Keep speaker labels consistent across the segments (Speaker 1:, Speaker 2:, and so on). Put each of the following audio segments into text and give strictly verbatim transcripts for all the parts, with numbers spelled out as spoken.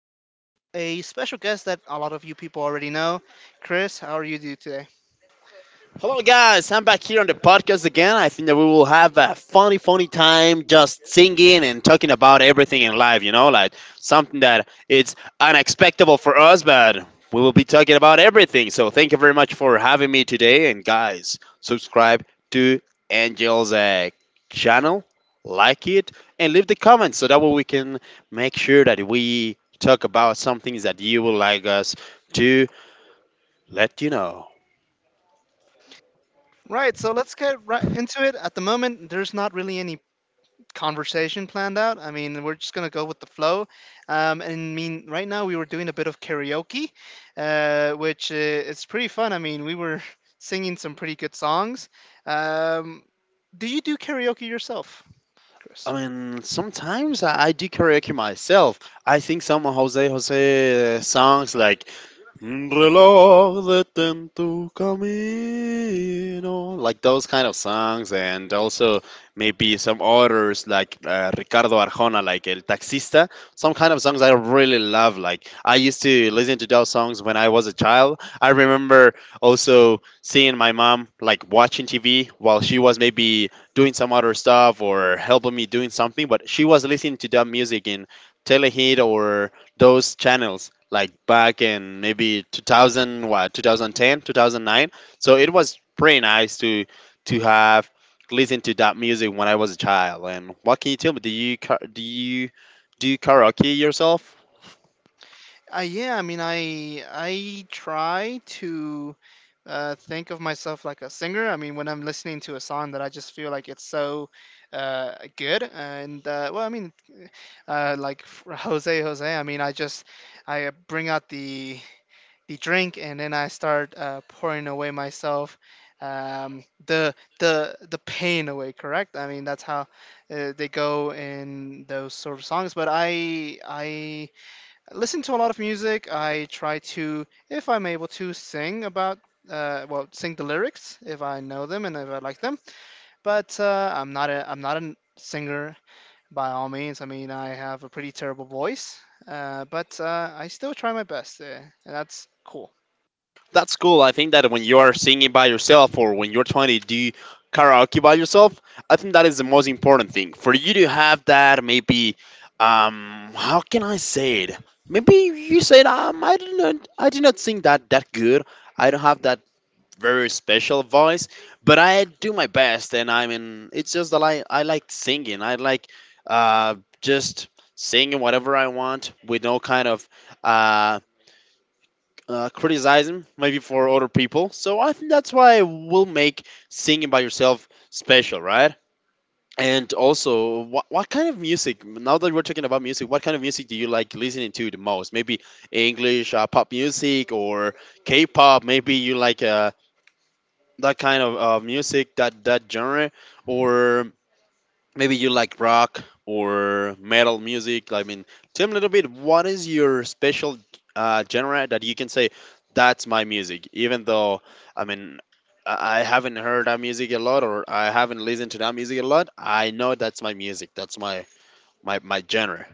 Speaker 1: joined by a special guest that a lot of you people already know. Chris, how are you doing today?
Speaker 2: Hello, guys. I'm back here on the podcast again. I think that we will have a funny, funny time just singing and talking about everything in life, you know, like something that it's unexpected for us, but we will be talking about everything. So, thank you very much for having me today. And, guys, subscribe to Angel's uh, channel, like it, and leave the comments so that way we can make sure that we talk about some things that you would like us to let you know.
Speaker 1: Right, so let's get right into it. At the moment, there's not really any conversation planned out. I mean, we're just going to go with the flow. Um, and I mean, right now we were doing a bit of karaoke, uh, which uh, is pretty fun. I mean, we were singing some pretty good songs. Um, do you do karaoke yourself,
Speaker 2: I
Speaker 1: Chris?
Speaker 2: mean, sometimes I, I do karaoke myself. I think some Jose Jose uh, songs like "Un reloj detén tu camino," like those kind of songs, and also maybe some others like uh, Ricardo Arjona, like El Taxista. Some kind of songs I really love. Like I used to listen to those songs when I was a child. I remember also seeing my mom like watching T V while she was maybe doing some other stuff or helping me doing something, but she was listening to that music in Telehit or those channels like back in maybe two thousand, what, two thousand ten, two thousand nine. So it was pretty nice to to have listened to that music when i was a child. And what can you tell me? Do you ka- do you do you karaoke yourself?
Speaker 1: Uh, yeah, I mean, I I try to uh, think of myself like a singer. I mean, when I'm listening to a song that I just feel like it's so uh, good, and uh, well, I mean, uh, like for Jose Jose. I mean, I just I bring out the the drink, and then I start uh, pouring away myself, um the the the pain away. Correct? I mean, that's how uh, they go in those sort of songs, but i i listen to a lot of music. I try to, if I'm able to, sing about, uh, well, sing the lyrics if I know them and if I like them. But uh, I'm not a, I'm not a singer by all means. I mean, I have a pretty terrible voice, uh, but uh, I still try my best, uh, and that's cool.
Speaker 2: That's cool. I think that when you are singing by yourself or when you're trying to do karaoke by yourself, I think that is the most important thing for you to have that. Maybe, um, how can I say it? Maybe you said, um, I do not, I do not sing that that good. I don't have that very special voice, but I do my best, and I mean, it's just that I I like singing. I like, uh, just singing whatever I want with no kind of uh uh, criticize maybe for other people. So I think that's why will make singing by yourself special, right? And also, what, what kind of music? Now that we're talking about music, what kind of music do you like listening to the most? Maybe English uh, pop music or K-pop. Maybe you like uh, that kind of uh, music, that that genre, or maybe you like rock or metal music. I mean, tell me a little bit. What is your special uh, genre that you can say that's my music? Even though, I mean, I I haven't heard that music a lot, or I haven't listened to that music a lot. I know that's my music. That's my my my genre.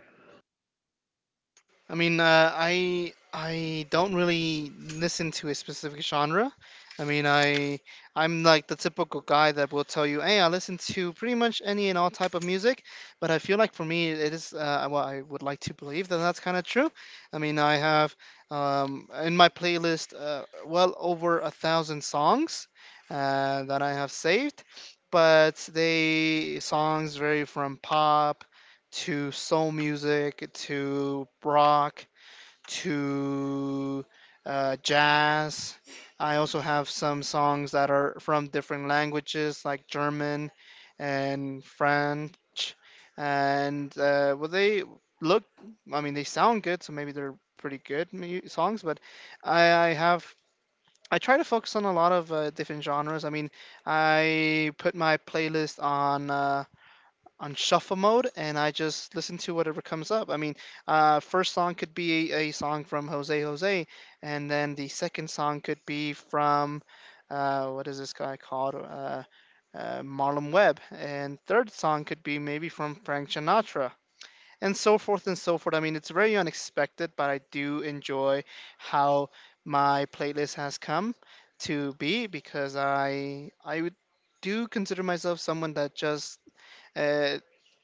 Speaker 1: I mean, uh, I I don't really listen to a specific genre. I mean, I I'm like the typical guy that will tell you, hey, I listen to pretty much any and all type of music. But I feel like for me, it is, uh, well, I would like to believe that that's kind of true. I mean, I have, um, in my playlist, uh, well over a thousand songs uh, that I have saved. But they songs vary from pop to soul music, to rock, to uh, jazz. I also have some songs that are from different languages like German and French. And uh, well, they look, I mean, they sound good, so maybe they're pretty good mu- songs, but I, I have. I try to focus on a lot of uh, different genres. I mean, I put my playlist on uh, on shuffle mode and I just listen to whatever comes up. I mean, uh, first song could be a, a song from Jose Jose, and then the second song could be from, uh, what is this guy called? Uh, uh, Marlon Webb, and third song could be maybe from Frank Sinatra, and so forth and so forth. I mean, it's very unexpected, but I do enjoy how my playlist has come to be, because I I would do consider myself someone that just uh,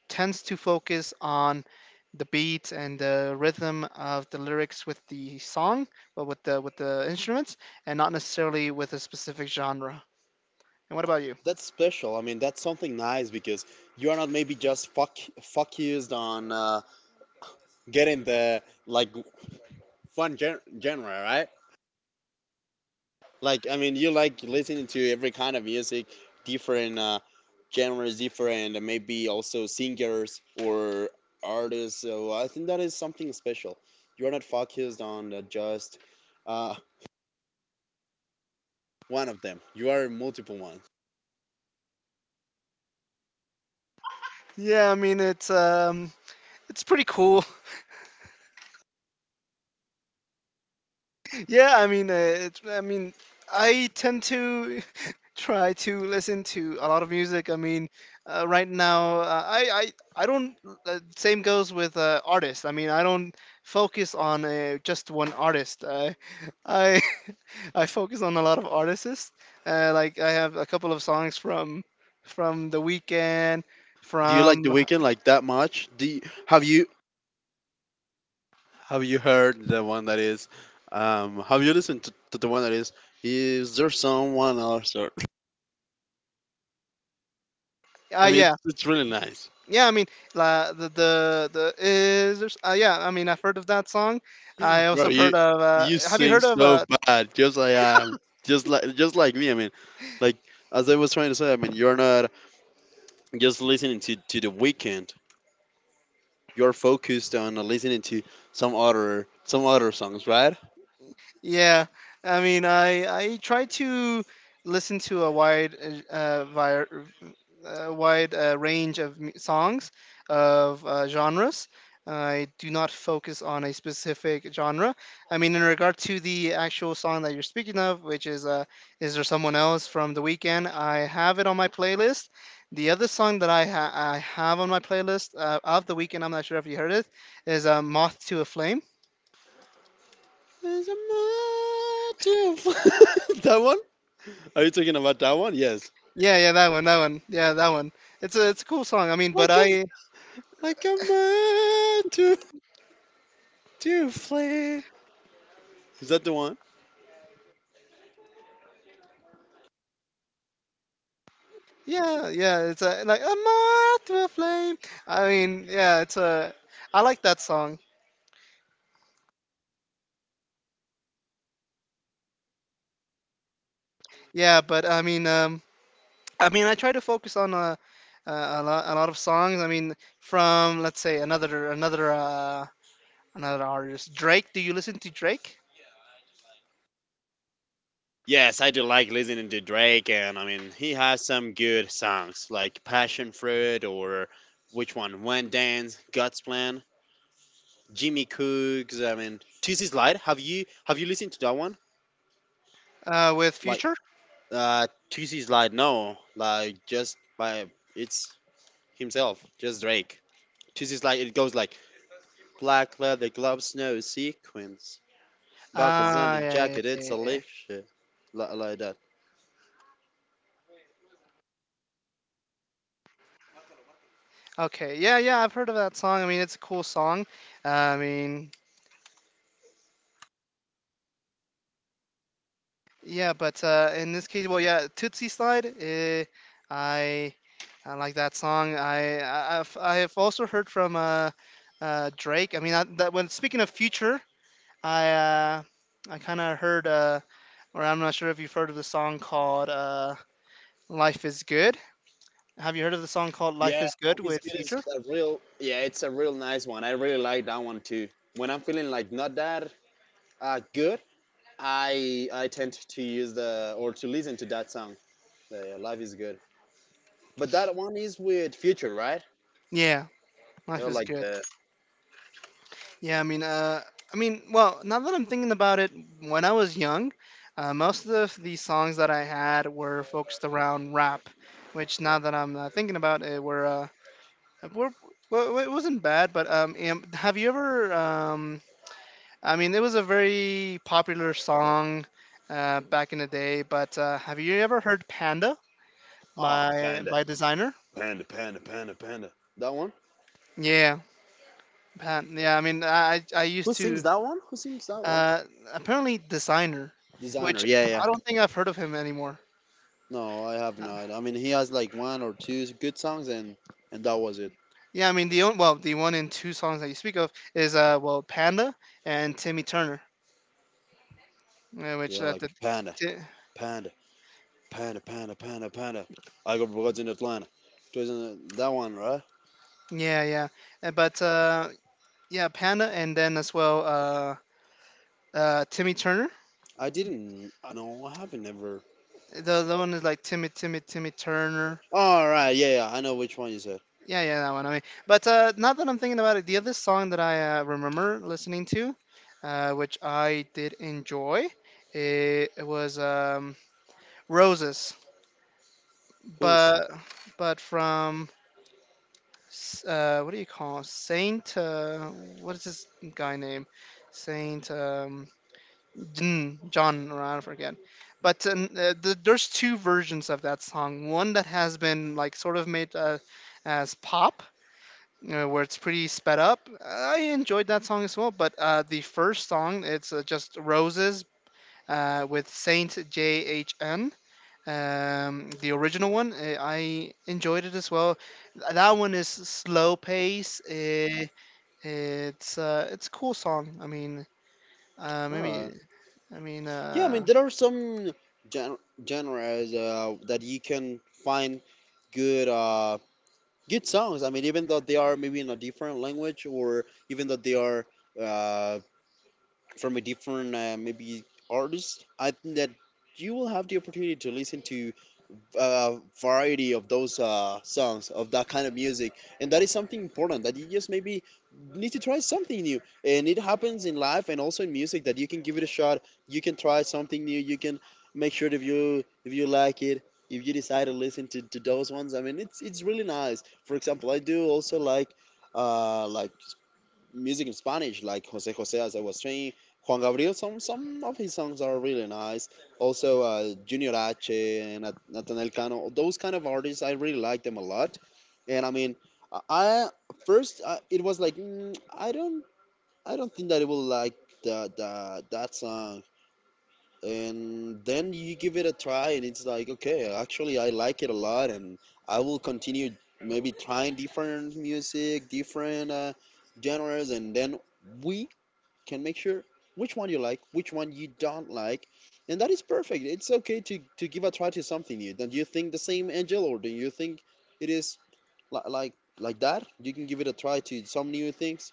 Speaker 1: tends to focus on the beat and the rhythm of the lyrics with the song, but with the with the instruments, and not necessarily with a specific genre. And what about you?
Speaker 2: That's special. I mean, that's something nice because you are not maybe just fuck focused on uh, getting the like fun gen- genre, right? Like I mean, you like listening to every kind of music, different uh, genres, different uh, maybe also singers or artists. So I think that is something special. You are not focused on uh, just uh, one of them. You are multiple ones.
Speaker 1: Yeah, I mean, it's um it's pretty cool. Yeah, I mean, uh, it's I mean, I tend to try to listen to a lot of music. I mean, uh, right now, uh, I I I don't. Uh, same goes with uh, artists. I mean, I don't focus on, uh, just one artist. I I I focus on a lot of artists. Uh, like I have a couple of songs from from The Weeknd,
Speaker 2: Do you like The
Speaker 1: from.
Speaker 2: Weeknd like that much? Do you, have you have you heard the one that is? Um, have you listened to, to the one that is? Is there someone else? Or, I
Speaker 1: uh,
Speaker 2: mean, it's,
Speaker 1: yeah,
Speaker 2: it's really nice.
Speaker 1: yeah. I mean, la, the the the is there's, uh, yeah. I mean, I've heard of that song. I
Speaker 2: Bro,
Speaker 1: also have
Speaker 2: you
Speaker 1: heard of. Uh,
Speaker 2: you
Speaker 1: have you
Speaker 2: sing
Speaker 1: heard of?
Speaker 2: so
Speaker 1: Uh,
Speaker 2: bad, just like um, just like just like me. I mean, like as I was trying to say, I mean, you're not just listening to to the weekend. You're focused on listening to some other some other songs, right?
Speaker 1: yeah, I mean, I I try to listen to a wide uh, uh, vi- uh, wide, uh, range of mu- songs, of uh, genres. I do not focus on a specific genre. I mean, in regard to the actual song that you're speaking of, which is, uh, "Is There Someone Else" from The Weeknd, I have it on my playlist. The other song that I ha- I have on my playlist, uh, of The Weeknd, I'm not sure if you heard it, is uh, "Moth to a Flame."
Speaker 2: There's a motive. That one? Are you talking about that one? Yes.
Speaker 1: Yeah, yeah, that one, that one, yeah, that one. It's a it's a cool song. I mean,
Speaker 2: Like
Speaker 1: but
Speaker 2: a
Speaker 1: I.
Speaker 2: like a motive to flame. Is that the one?
Speaker 1: Yeah, yeah, it's a like a moth to a flame. I mean, yeah, it's a. I like that song. Yeah, but I mean, um, I mean, I try to focus on a, a, a lot, a lot of songs. I mean, from let's say another, another, uh, another artist, Drake. Do you listen to Drake?
Speaker 2: Yes, I do like listening to Drake, and I mean, he has some good songs like Passion Fruit or which one? One Dance, God's Plan, Jimmy Cooks. I mean, T C Slide. Have you have you listened to that one?
Speaker 1: Uh, with
Speaker 2: Like,
Speaker 1: Future.
Speaker 2: uh, T C Slide. No, like just by it's himself, just Drake. T C Slide. It goes like black leather gloves, no sequins, buckles on
Speaker 1: Ah,
Speaker 2: the
Speaker 1: yeah, yeah,
Speaker 2: jacket.
Speaker 1: yeah,
Speaker 2: It's
Speaker 1: yeah,
Speaker 2: a
Speaker 1: yeah.
Speaker 2: leash, like, like that.
Speaker 1: Okay, yeah, yeah, I've heard of that song. I mean, it's a cool song. I mean, yeah, but uh, in this case, well, yeah, Tootsie Slide. eh, I I like that song. I I- I've I have also heard from uh, uh, Drake. I mean, I, that when speaking of future, I uh, I kind of heard, uh, or I'm not sure if you've heard of the song called, uh, "Life Is Good." Have you heard of the song called
Speaker 2: Yeah,
Speaker 1: "Life Is Good"
Speaker 2: Life is
Speaker 1: with
Speaker 2: Good is
Speaker 1: Future?
Speaker 2: a real, yeah, it's a real nice one. I really like that one too. When I'm feeling like not that uh, good, I I tend to use the or to listen to that song. The Life is Good. But that one is with Future, right?
Speaker 1: Yeah,
Speaker 2: You
Speaker 1: "Life
Speaker 2: know,
Speaker 1: Is
Speaker 2: like
Speaker 1: Good."
Speaker 2: the
Speaker 1: Yeah, I mean, uh, I mean, well, now that I'm thinking about it, when I was young, uh, most of the songs that I had were focused around rap, which now that I'm uh, thinking about it, were, uh, were well, it wasn't bad, but um, am- have you ever, um, I mean, it was a very popular song uh, back in the day, but uh, have you ever heard Panda
Speaker 2: oh
Speaker 1: by
Speaker 2: panda,
Speaker 1: by Designer?
Speaker 2: panda, panda, panda, panda. That one.
Speaker 1: Yeah, Pan- yeah. I mean, I I
Speaker 2: Who
Speaker 1: used
Speaker 2: sings
Speaker 1: to.
Speaker 2: that one? Who sings that one?
Speaker 1: Uh, apparently designer,
Speaker 2: Designer.
Speaker 1: which
Speaker 2: Yeah, yeah.
Speaker 1: I don't think I've heard of him anymore.
Speaker 2: No, I have
Speaker 1: Uh,
Speaker 2: not. I mean, he has like one or two good songs, and and that was it.
Speaker 1: Yeah, I mean the on- well, the one and two songs that you speak of is uh well, Panda and Timmy Turner, uh, which
Speaker 2: Yeah,
Speaker 1: uh,
Speaker 2: like
Speaker 1: the,
Speaker 2: panda,
Speaker 1: t-
Speaker 2: panda. Panda, panda, panda, panda. I got broads in Atlanta. Doesn't that one, right?
Speaker 1: yeah, yeah, Uh, but uh yeah, Panda and then as well uh uh Timmy Turner.
Speaker 2: I didn't. I know. I haven't ever.
Speaker 1: The the one is like Timmy Timmy Timmy Turner.
Speaker 2: All right. Yeah, yeah. I know which one you said.
Speaker 1: Yeah, yeah, that one. I mean, but uh, now that I'm thinking about it, the other song that I uh, remember listening to, uh, which I did enjoy, it, it was, um, "Roses,"
Speaker 2: Who's?
Speaker 1: but but from S- uh, what do you call it? Saint? Uh, what is this guy name? Saint, um, Jn- John? Or I forget. But uh, n- uh, the, there's two versions of that song. One that has been like sort of made uh, as pop, uh, where it's pretty sped up. I enjoyed that song as well, but uh, the first song it's uh, just Roses uh, with Saint J H N. Um, the original one, uh, I enjoyed it as well. Th- That one is slow pace. Uh, it's uh, it's a cool song. I mean, uh,
Speaker 2: All right.
Speaker 1: maybe. I mean
Speaker 2: Yeah. I mean,
Speaker 1: uh,
Speaker 2: there are some gen- genres uh, that you can find good, uh, good songs. I mean, even though they are maybe in a different language, or even though they are uh, from a different uh, maybe artist, I think that you will have the opportunity to listen to uh, variety of those uh, songs of that kind of music, and that is something important. That you just maybe need to try something new, and it happens in life and also in music, that you can give it a shot. You can try something new, you can make sure that if you if you like it, if you decide to listen to, to those ones. I mean it's it's really nice. For example, i do also like uh like music in Spanish, like Jose Jose, as I was saying. Juan Gabriel, some some of his songs are really nice. Also, uh, Junior H and Nat- Nathaniel Cano, those kind of artists, I really like them a lot. And I mean, I I- first uh, it was like mm, I don't I don't think that it will like the, the that song. And then you give it a try and it's like okay, actually i like it a lot, and i will continue maybe trying different music, different uh, genres, and then we can make sure which one you like, which one you don't like, and that is perfect. It's okay to, to give a try to something new. Do you think the same, angel, or do you think it is li- like like that you can give it a try to some new things?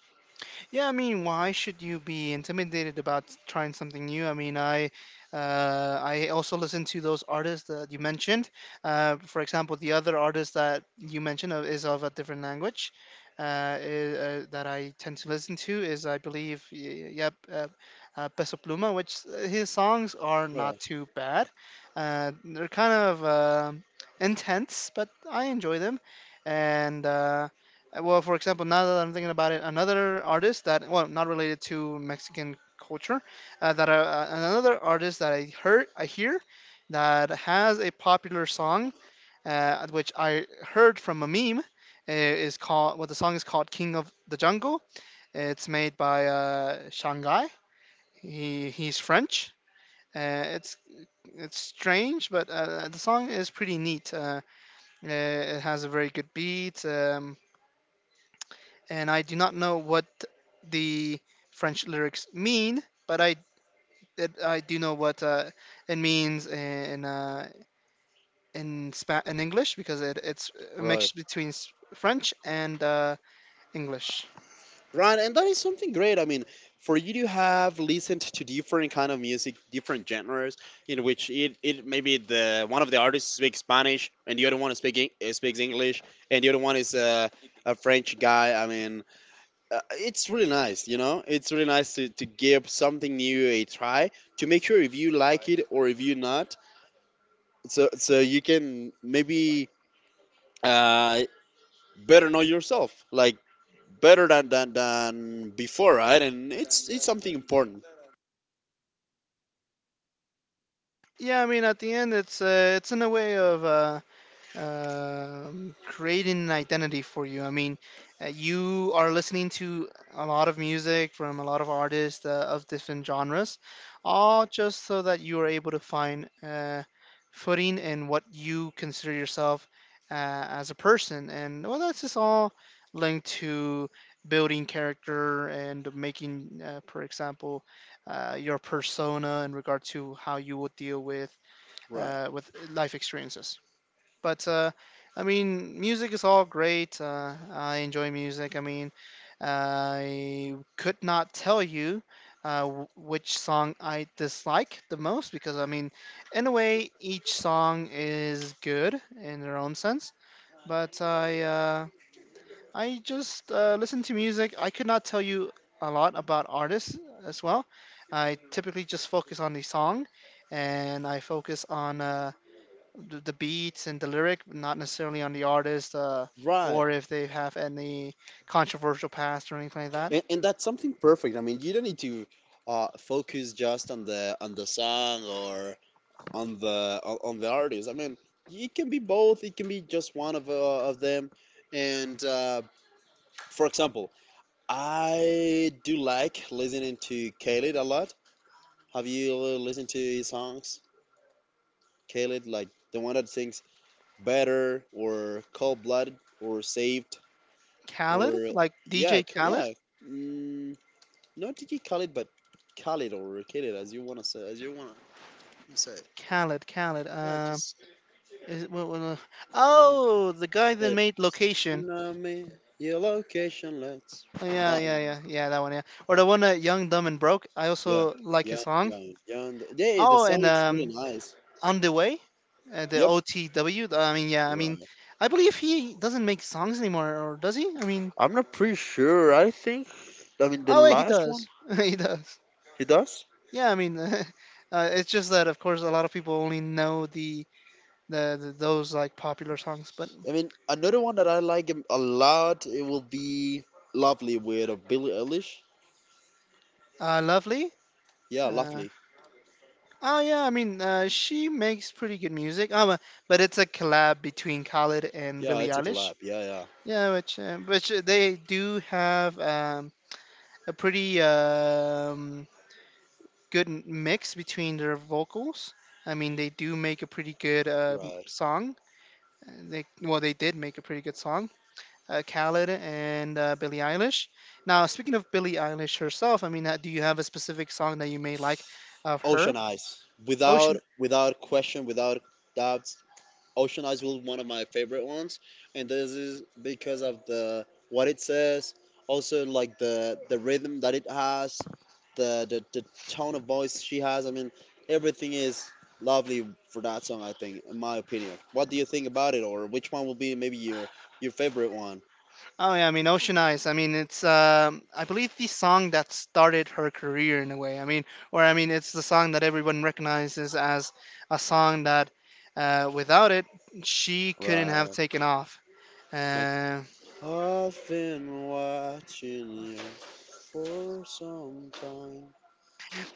Speaker 1: Yeah, I mean, why should you be intimidated about trying something new? I mean, I uh, I also listen to those artists that you mentioned. Uh, for example, the other artist that you mentioned of, is of a different language. Uh, i- uh, that I tend to listen to is, I believe, y- yep, uh, uh, Peso Pluma, which uh, his songs are not
Speaker 2: Right.
Speaker 1: too bad. Uh, they're kind of um intense, but I enjoy them. And uh, uh, well, for example, now that I'm thinking about it, another artist that, well, not related to Mexican culture, uh, that I, uh, another artist that I heard, I hear, that has a popular song, uh, which I heard from a meme, uh, is called, well, the song is called "King of the Jungle." It's made by uh, Shanghai. He he's French. Uh, it's it's strange, but uh, the song is pretty neat. Uh, uh, it has a very good beat. Um, and I do not know what the French lyrics mean, but I it, I do know what uh, it means in, uh, in Spa- in English because it, it's a mix
Speaker 2: Right.
Speaker 1: between s- French and uh, English.
Speaker 2: Right, and that is something great. I mean, for you to have listened to different kind of music, different genres, in which it, it maybe the one of the artists speaks Spanish and the other one speak, Eng- uh, speaks English, and the other one is uh, a French guy. I mean, uh, it's really nice, you know. It's really nice to, to give something new a try, to make sure if you like it or if you not, so so you can maybe uh, better know yourself, like better than, than than before, right? And it's it's something important.
Speaker 1: Yeah, I mean at the end it's, uh, it's in a way of uh, um, creating an identity for you. I mean, uh, you are listening to a lot of music from a lot of artists, uh, of different genres, all just so that you are able to find uh, footing in what you consider yourself, uh, as a person. And well, that's just all linked to building character and making, uh, for example, uh, your persona in regard to how you will deal with
Speaker 2: Right.
Speaker 1: uh, with life experiences. But uh, I mean, music is all great. Uh, I enjoy music. I mean, I could not tell you uh, wh- which song I dislike the most, because I mean, in a way, each song is good in their own sense. But I uh, I just uh, listen to music. I could not tell you a lot about artists as well. I typically just focus on the song, and I focus on Uh, the, the beats and the lyric, not necessarily on the artist uh,
Speaker 2: Right,
Speaker 1: or if they have any controversial past or anything like that.
Speaker 2: and, and that's something perfect. I mean, you don't need to uh, focus just on the on the song or on the on, on the artist. I mean, it can be both. It can be just one of uh, of them. And uh, for example, I do like listening to Khalid a lot. Have you listened to his songs, Khalid? Like the one that sings "Better" or "Cold Blooded" or "Saved."
Speaker 1: Khaled,
Speaker 2: Or
Speaker 1: like
Speaker 2: yeah,
Speaker 1: D J
Speaker 2: K-
Speaker 1: Khaled,
Speaker 2: yeah, mm, not D K Khaled, but Khaled or Khaled, as you wanna say, as you wanna say. it.
Speaker 1: Khaled, Khaled.
Speaker 2: Yeah,
Speaker 1: Um,
Speaker 2: just
Speaker 1: is it, what, what, uh,
Speaker 2: yeah.
Speaker 1: oh, the guy that
Speaker 2: Like
Speaker 1: made Location.
Speaker 2: "And I mean, your location, let's"
Speaker 1: Oh, yeah,
Speaker 2: that
Speaker 1: yeah,
Speaker 2: one.
Speaker 1: yeah, yeah, that one, yeah. Or the one that Young, Dumb, and Broke. I
Speaker 2: Yeah,
Speaker 1: also like his
Speaker 2: yeah,
Speaker 1: song.
Speaker 2: yeah, yeah. And, yeah, the
Speaker 1: Oh,
Speaker 2: song
Speaker 1: and
Speaker 2: it's really
Speaker 1: um,
Speaker 2: nice.
Speaker 1: On the Way, uh, the
Speaker 2: Yep,
Speaker 1: O T W. I mean, yeah, I mean,
Speaker 2: right.
Speaker 1: I believe he doesn't make songs anymore, or does he? I mean,
Speaker 2: I'm not pretty sure. I think I mean the
Speaker 1: oh, wait, he
Speaker 2: last one
Speaker 1: does. He does.
Speaker 2: he does.
Speaker 1: Yeah, I mean, uh, it's just that of course a lot of people only know the the, the those like popular songs, but
Speaker 2: I mean another one that I like him a lot. It will be Lovely with a Billie Eilish.
Speaker 1: uh, Lovely.
Speaker 2: Yeah,
Speaker 1: Uh,
Speaker 2: Lovely.
Speaker 1: oh yeah, I mean, uh, she makes pretty good music. Um, uh, but it's a collab between Khalid and
Speaker 2: Yeah,
Speaker 1: Billie
Speaker 2: it's a
Speaker 1: Eilish.
Speaker 2: collab. Yeah, yeah.
Speaker 1: Yeah, which uh, which uh, they do have um, a pretty um, good m- mix between their vocals. I mean, they do make a pretty good um
Speaker 2: Right.
Speaker 1: song. Uh, They well, they did make a pretty good song. uh, Khaled and uh, Billie Eilish. Now, speaking of Billie Eilish herself, I mean, uh, do you have a specific song that you may like of her?
Speaker 2: Ocean Eyes. Without
Speaker 1: Ocean.
Speaker 2: without question, without doubts, Ocean Eyes was one of my favorite ones, and this is because of the what it says, also like the the rhythm that it has, the the, the tone of voice she has. I mean, everything is lovely for that song. I think, in my opinion. What do you think about it, or which one will be maybe your your favorite one?
Speaker 1: Oh yeah, I mean Ocean Eyes. I mean it's um, I believe the song that started her career in a way. I mean, or I mean it's the song that everyone recognizes as a song that uh, without it she couldn't have
Speaker 2: Right.
Speaker 1: taken off.
Speaker 2: Like
Speaker 1: Uh,
Speaker 2: I've been watching you for some time.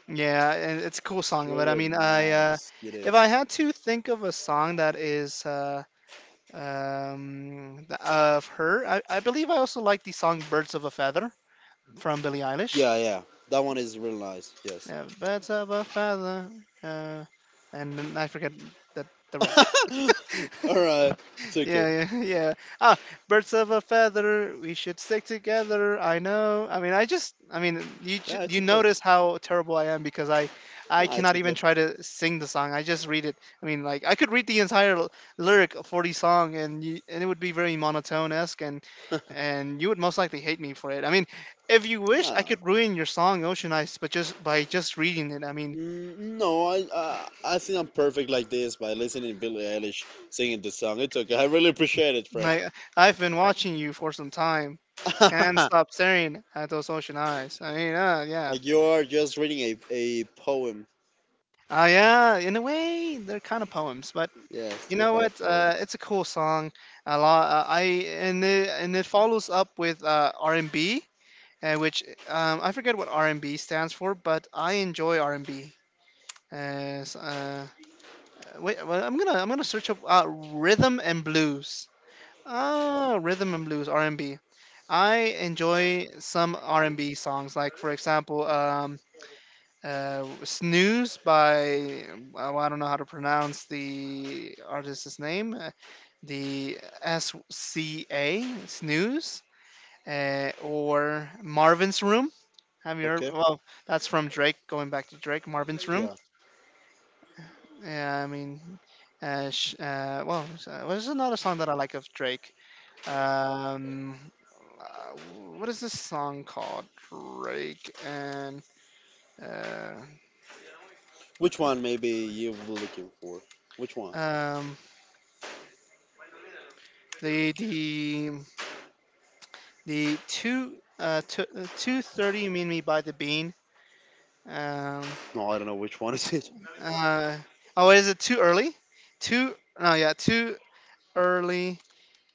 Speaker 1: yeah, and it's a cool
Speaker 2: It's
Speaker 1: song, but I
Speaker 2: really
Speaker 1: mean I uh,
Speaker 2: nice. It
Speaker 1: if I
Speaker 2: is.
Speaker 1: had to think of a song that is. Uh, um, th- of her. I, I believe I also like the song "Birds of a Feather" from Billie Eilish.
Speaker 2: Yeah, yeah. That one is really nice. Yes.
Speaker 1: Yeah, "Birds of a Feather," uh, and then I forget that the rest.
Speaker 2: All right. It's okay.
Speaker 1: Yeah, yeah, yeah. Ah, birds of a feather, we should stick together. I know. I mean, I just, I mean, you
Speaker 2: Yeah,
Speaker 1: ju-
Speaker 2: it's
Speaker 1: you
Speaker 2: okay.
Speaker 1: notice how terrible I am because I I
Speaker 2: No, it's
Speaker 1: cannot even try to sing the song. I just read it. I mean, like I could read the entire l- lyric for the song, and you, and it would be very monotone esque, and
Speaker 2: okay.
Speaker 1: and you would most likely hate me for it. I mean, if you wish, I
Speaker 2: No,
Speaker 1: could ruin your song, Ocean Eyes, but just by just reading it. I mean.
Speaker 2: Mm, no. I, I I think I'm perfect like this by listening to Billie Eilish singing the song. It's okay. I really appreciate it, friend.
Speaker 1: I I've been watching you for some time. Can't stop staring at those ocean eyes. I mean, uh, yeah.
Speaker 2: Like you are just reading a a poem.
Speaker 1: Ah, yeah. In a way, they're kind of poems, but
Speaker 2: Yes,
Speaker 1: you
Speaker 2: they're
Speaker 1: know
Speaker 2: kind of
Speaker 1: what? Uh,
Speaker 2: poems.
Speaker 1: it's a cool song. A lot. Uh, I And it, and it follows up with uh, R and B, uh, which um, I forget what R and B stands for, but I enjoy R and B. Uh, s- uh, Wait, well, I'm gonna I'm gonna search up uh, rhythm and blues. Ah, rhythm and blues, R and B. I enjoy some R and B songs, like for example, um, uh, "Snooze" by well, I don't know how to pronounce the artist's name, uh, the S C A Snooze, uh, or "Marvin's Room." Have you heard?
Speaker 2: Okay.
Speaker 1: Well, that's from Drake. Going back to Drake, "Marvin's Room."
Speaker 2: Yeah.
Speaker 1: Yeah, I mean, uh, sh- uh, well, s- uh, there's another song that I like of Drake. Um, uh, what is this song called? Drake and uh,
Speaker 2: Which one maybe you were looking for? Which one?
Speaker 1: um, the the the two uh two, uh, two thirty mean me by the bean. Um,
Speaker 2: No, I don't know which one is it.
Speaker 1: uh, oh, is it too early? Too no, Yeah, too early.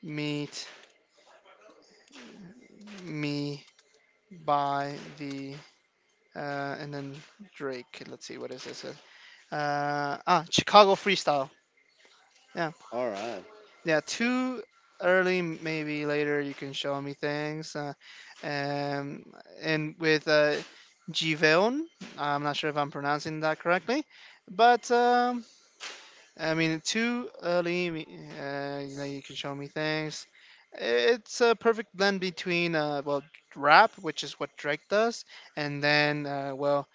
Speaker 1: Meet me by the uh, and then Drake. Let's see, what is this? Uh, ah, Chicago Freestyle. Yeah.
Speaker 2: All right.
Speaker 1: Yeah, too early, m- maybe later you can show me things. Uh, um, and with uh, Giveon, I'm not sure if I'm pronouncing that correctly, but um, I mean, too early, me- uh, you know, you can show me things. It's a perfect blend between, uh, well, rap, which is what Drake does, and then, uh, well,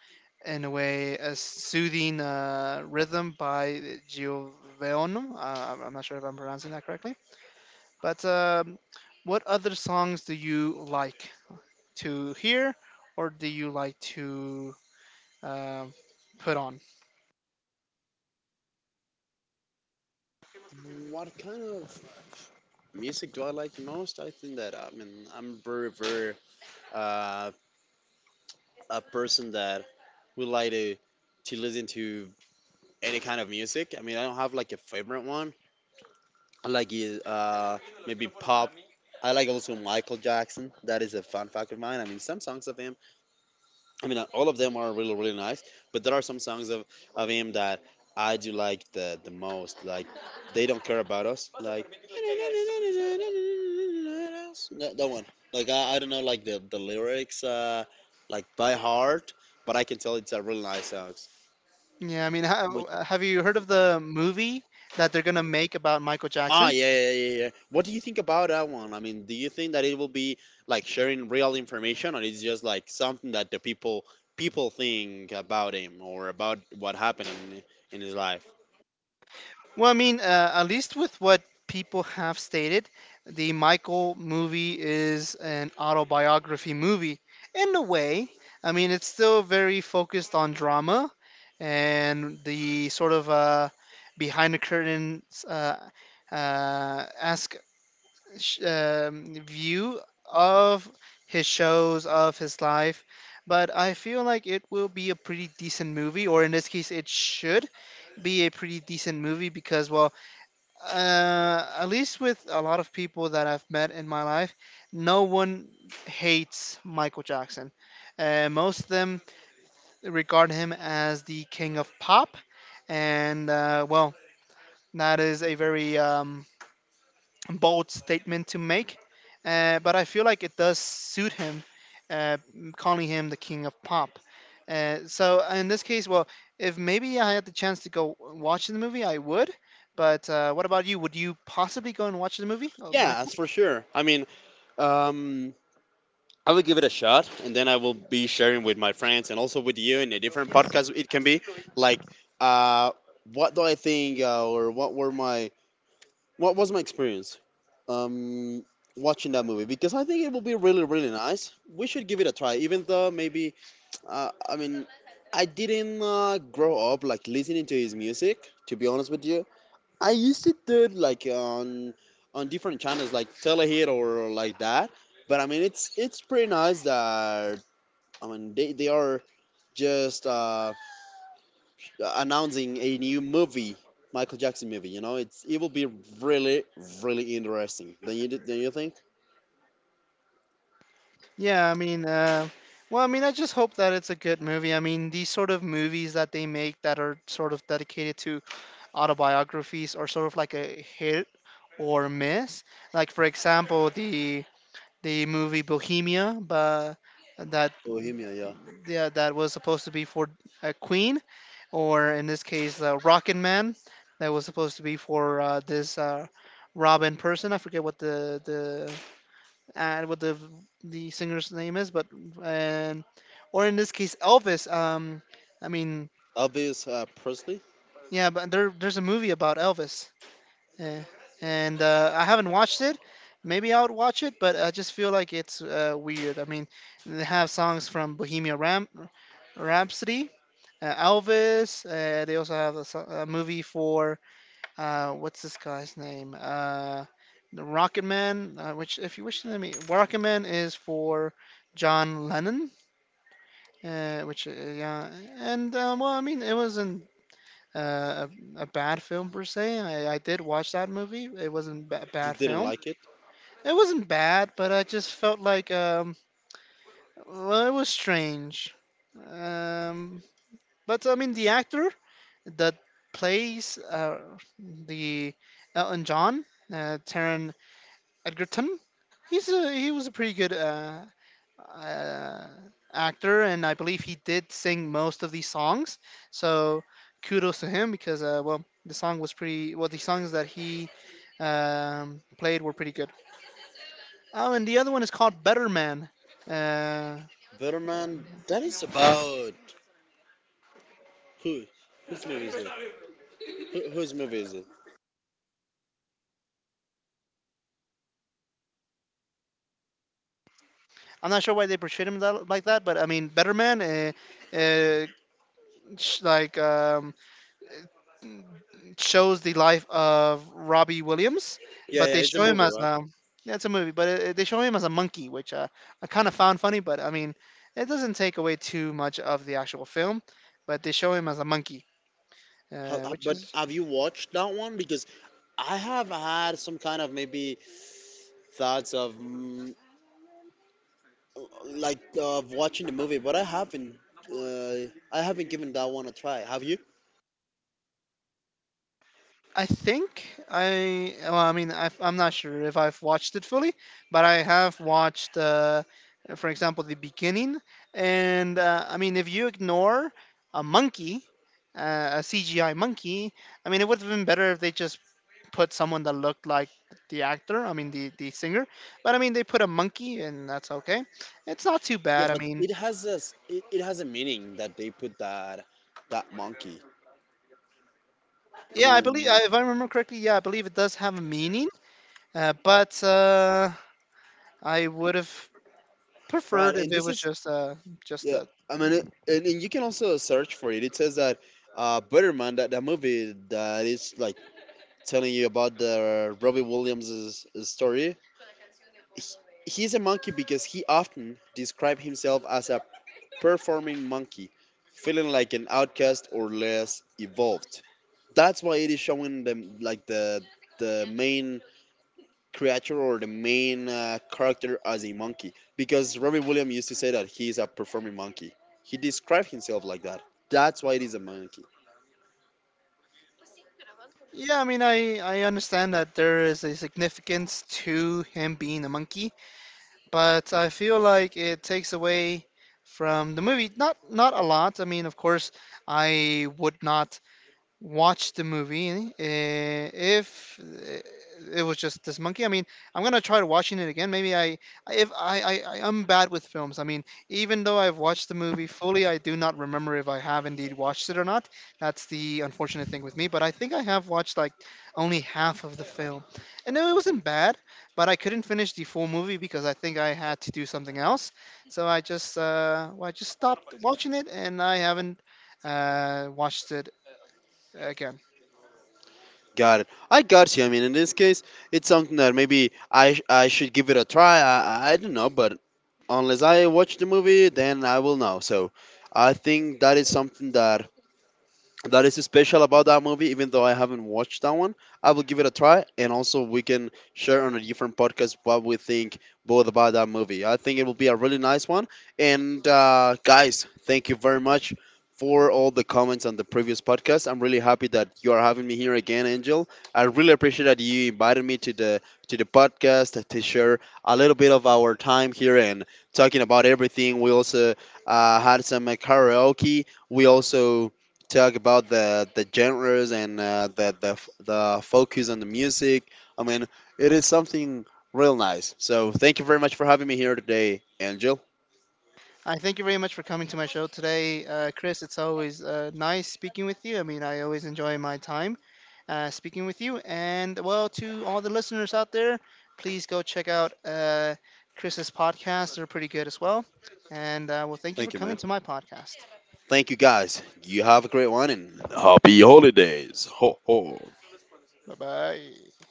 Speaker 1: in a way, a soothing uh, rhythm by Giovano. Uh, I'm I'm not sure if I'm pronouncing that correctly but um, what other songs do you like to hear, or do you like to um put on?
Speaker 2: What kind of music do I like the most? I think that, I mean, I'm very very uh, a person that would like to to listen to any kind of music. I mean, I don't have like a favorite one. I like uh maybe pop. I like also Michael Jackson. That is a fun fact of mine. I mean, some songs of him, I mean, uh, all of them are really, really nice, but there are some songs of, of him that I do like the, the most. Like, they don't care about us. Like, that, that one. Like, I, I don't know, like, the, the lyrics, uh, like, by heart, but I can tell it's a really nice song.
Speaker 1: Yeah, I mean, ha- have you heard of the movie that they're gonna make about Michael
Speaker 2: Ah,
Speaker 1: Jackson?
Speaker 2: yeah, yeah, yeah, yeah. What do you think about that one? I mean, do you think that it will be like sharing real information, or it's just like something that the people people think about him or about what happened in, in his life?
Speaker 1: Well, I mean, uh, at least with what people have stated, the Michael movie is an autobiography movie in a way. I mean, it's still very focused on drama and the sort of uh, behind the curtain uh, uh, ask sh- um, view of his shows of his life. But I feel like it will be a pretty decent movie, or in this case, it should be a pretty decent movie because well uh, at least with a lot of people that I've met in my life, no one hates Michael Jackson. Uh, most of them regard him as the King of Pop, and uh, well, that is a very um, bold statement to make, uh, but I feel like it does suit him, uh, calling him the King of Pop. Uh, so uh, in this case, well, if maybe I had the chance to go watch the movie, I would. But uh, what about you? Would you possibly go and watch the movie, uh,
Speaker 2: Yeah,
Speaker 1: Michael?
Speaker 2: that's for sure. I mean, um, I will give it a shot, and then I will be sharing with my friends and also with you in a different podcast. It can be like, uh, what do I think, uh, or what were my what was my experience um, watching that movie? Because I think it will be really, really nice. We should give it a try, even though maybe, uh, I mean, I didn't uh, grow up like listening to his music, to be honest with you. I used to do it like on on different channels like Telehit or like that. But I mean, it's it's pretty nice that I mean they, they are just uh, announcing a new movie, Michael Jackson movie. You know, it's it will be really, really interesting. Don't you don't you think?
Speaker 1: Yeah, I mean, uh, well, I mean, I just hope that it's a good movie. I mean, these sort of movies that they make that are sort of dedicated to autobiographies are sort of like a hit or miss. Like, for example, the the movie Bohemia, but that
Speaker 2: Bohemia? Yeah.
Speaker 1: yeah, that was supposed to be for uh, Queen, or in this case, uh, Rocket Man, that was supposed to be for uh, this uh, Robin person. I forget what the the uh, what the the singer's name is, but and or in this case, Elvis. Um, I mean,
Speaker 2: Elvis, uh, Presley.
Speaker 1: yeah, but there there's a movie about Elvis. Eh, and uh, I haven't watched it. Maybe I'll watch it, but I just feel like it's uh, weird. I mean, they have songs from Bohemian Ram- Rhapsody, uh, Elvis. Uh, they also have a, so- a movie for uh, what's this guy's name? Uh, the Rocket Man, uh, which if you wish to me, Rocket Man is for John Lennon, uh, which uh, yeah, and uh, well, I mean, it wasn't uh, a, a bad film per se. I, I did watch that movie. It wasn't a ba-
Speaker 2: You
Speaker 1: bad
Speaker 2: didn't
Speaker 1: film.
Speaker 2: like it.
Speaker 1: It wasn't bad, but I just felt like um, well, it was strange. Um, but I mean, the actor that plays uh, the Elton John, uh, Taron Egerton, he's a he was a pretty good uh, uh, actor, and I believe he did sing most of these songs. So kudos to him because uh, well, the song was pretty. Well, the songs that he um, played were pretty good. Oh, and the other one is called Better Man. Uh,
Speaker 2: Better Man, that is about who? Whose movie is it? Who, whose movie is it?
Speaker 1: I'm not sure why they portrayed him that, like that, but I mean, Better Man, uh, uh, sh- like um, shows the life of Robbie Williams,
Speaker 2: Yeah,
Speaker 1: but
Speaker 2: yeah,
Speaker 1: they
Speaker 2: it's a
Speaker 1: show him
Speaker 2: movie,
Speaker 1: as
Speaker 2: right?
Speaker 1: um, yeah, it's a movie, but it, they show him as a monkey, which uh, I kind of found funny, but I mean, it doesn't take away too much of the actual film, but they show him as a monkey,
Speaker 2: How,
Speaker 1: uh,
Speaker 2: how-
Speaker 1: which
Speaker 2: but
Speaker 1: is
Speaker 2: have you watched that one? Because I have had some kind of maybe thoughts of mm, like of watching the movie, but I haven't. Uh, I haven't given that one a try. Have you?
Speaker 1: I think I. Well, I mean, I've, I'm not sure if I've watched it fully, but I have watched, uh, for example, the beginning. And uh, I mean, if you ignore a monkey, uh, a C G I monkey, I mean, it would have been better if they just put someone that looked like the actor. I mean, the the singer. But I mean, they put a monkey, and that's okay. It's not too
Speaker 2: Yeah,
Speaker 1: bad. I
Speaker 2: but
Speaker 1: mean,
Speaker 2: it has a s- it it has a meaning that they put that that monkey. I
Speaker 1: yeah, I believe
Speaker 2: mean,
Speaker 1: if I remember correctly, yeah, I believe it does have a meaning. Uh, but uh, I would have
Speaker 2: right?
Speaker 1: preferred if
Speaker 2: And
Speaker 1: it
Speaker 2: this
Speaker 1: was
Speaker 2: is
Speaker 1: just uh just
Speaker 2: yeah.
Speaker 1: a
Speaker 2: I mean, it, and, and you can also search for it. It says that, uh, Butterman, that that movie that is like telling you about the Robbie Williams' story. He, he's a monkey because he often described himself as a performing monkey, feeling like an outcast or less evolved. That's why it is showing them like the the main creature or the main, uh, character as a monkey, because Robbie Williams used to say that he is a performing monkey. He described himself like that. That's why it is a monkey.
Speaker 1: yeah I mean i i understand that there is a significance to him being a monkey, but I feel like it takes away from the movie, not not a lot. I mean, of course I would not watch the movie. eh, If eh, it was just this monkey, I mean, I'm gonna try to watching it again. Maybe I, I- if I, I, I- I'm bad with films. I mean, even though I've watched the movie fully, I do not remember if I have indeed watched it or not. That's the unfortunate thing with me. But I think I have watched like only half of the film, and no, it wasn't bad. But I couldn't finish the full movie because I think I had to do something else. So I just, uh, well, I just stopped watching it, and I haven't uh, watched it again.
Speaker 2: Got it. I got you. I mean, in this case, it's something that maybe I sh- I should give it a try. I I I don't know, but unless I watch the movie, then I will know. So I think that is something that that is special about that movie. Even though I haven't watched that one, I will give it a try, and also we can share on a different podcast what we think both about that movie. I think it will be a really nice one. And, uh, guys, thank you very much for all the comments on the previous podcast. I'm really happy that you are having me here again, Angel. I really appreciate that you invited me to the to the podcast to share a little bit of our time here and talking about everything. We also, uh, had some, uh, karaoke. We also talk about the the genres, and, uh, the the f- the focus on the music. I mean, it is something real nice. So thank you very much for having me here today, Angel.
Speaker 1: I thank you very much for coming to my show today, uh, Chris. It's always uh, nice speaking with you. I mean, I always enjoy my time uh, speaking with you. And well, to all the listeners out there, please go check out uh, Chris's podcast. They're pretty good as well. And uh, well, thank you for
Speaker 2: Thank you,
Speaker 1: coming
Speaker 2: man.
Speaker 1: to my podcast.
Speaker 2: Thank you, guys. You have a great one, and happy holidays. Ho ho.
Speaker 1: Bye bye.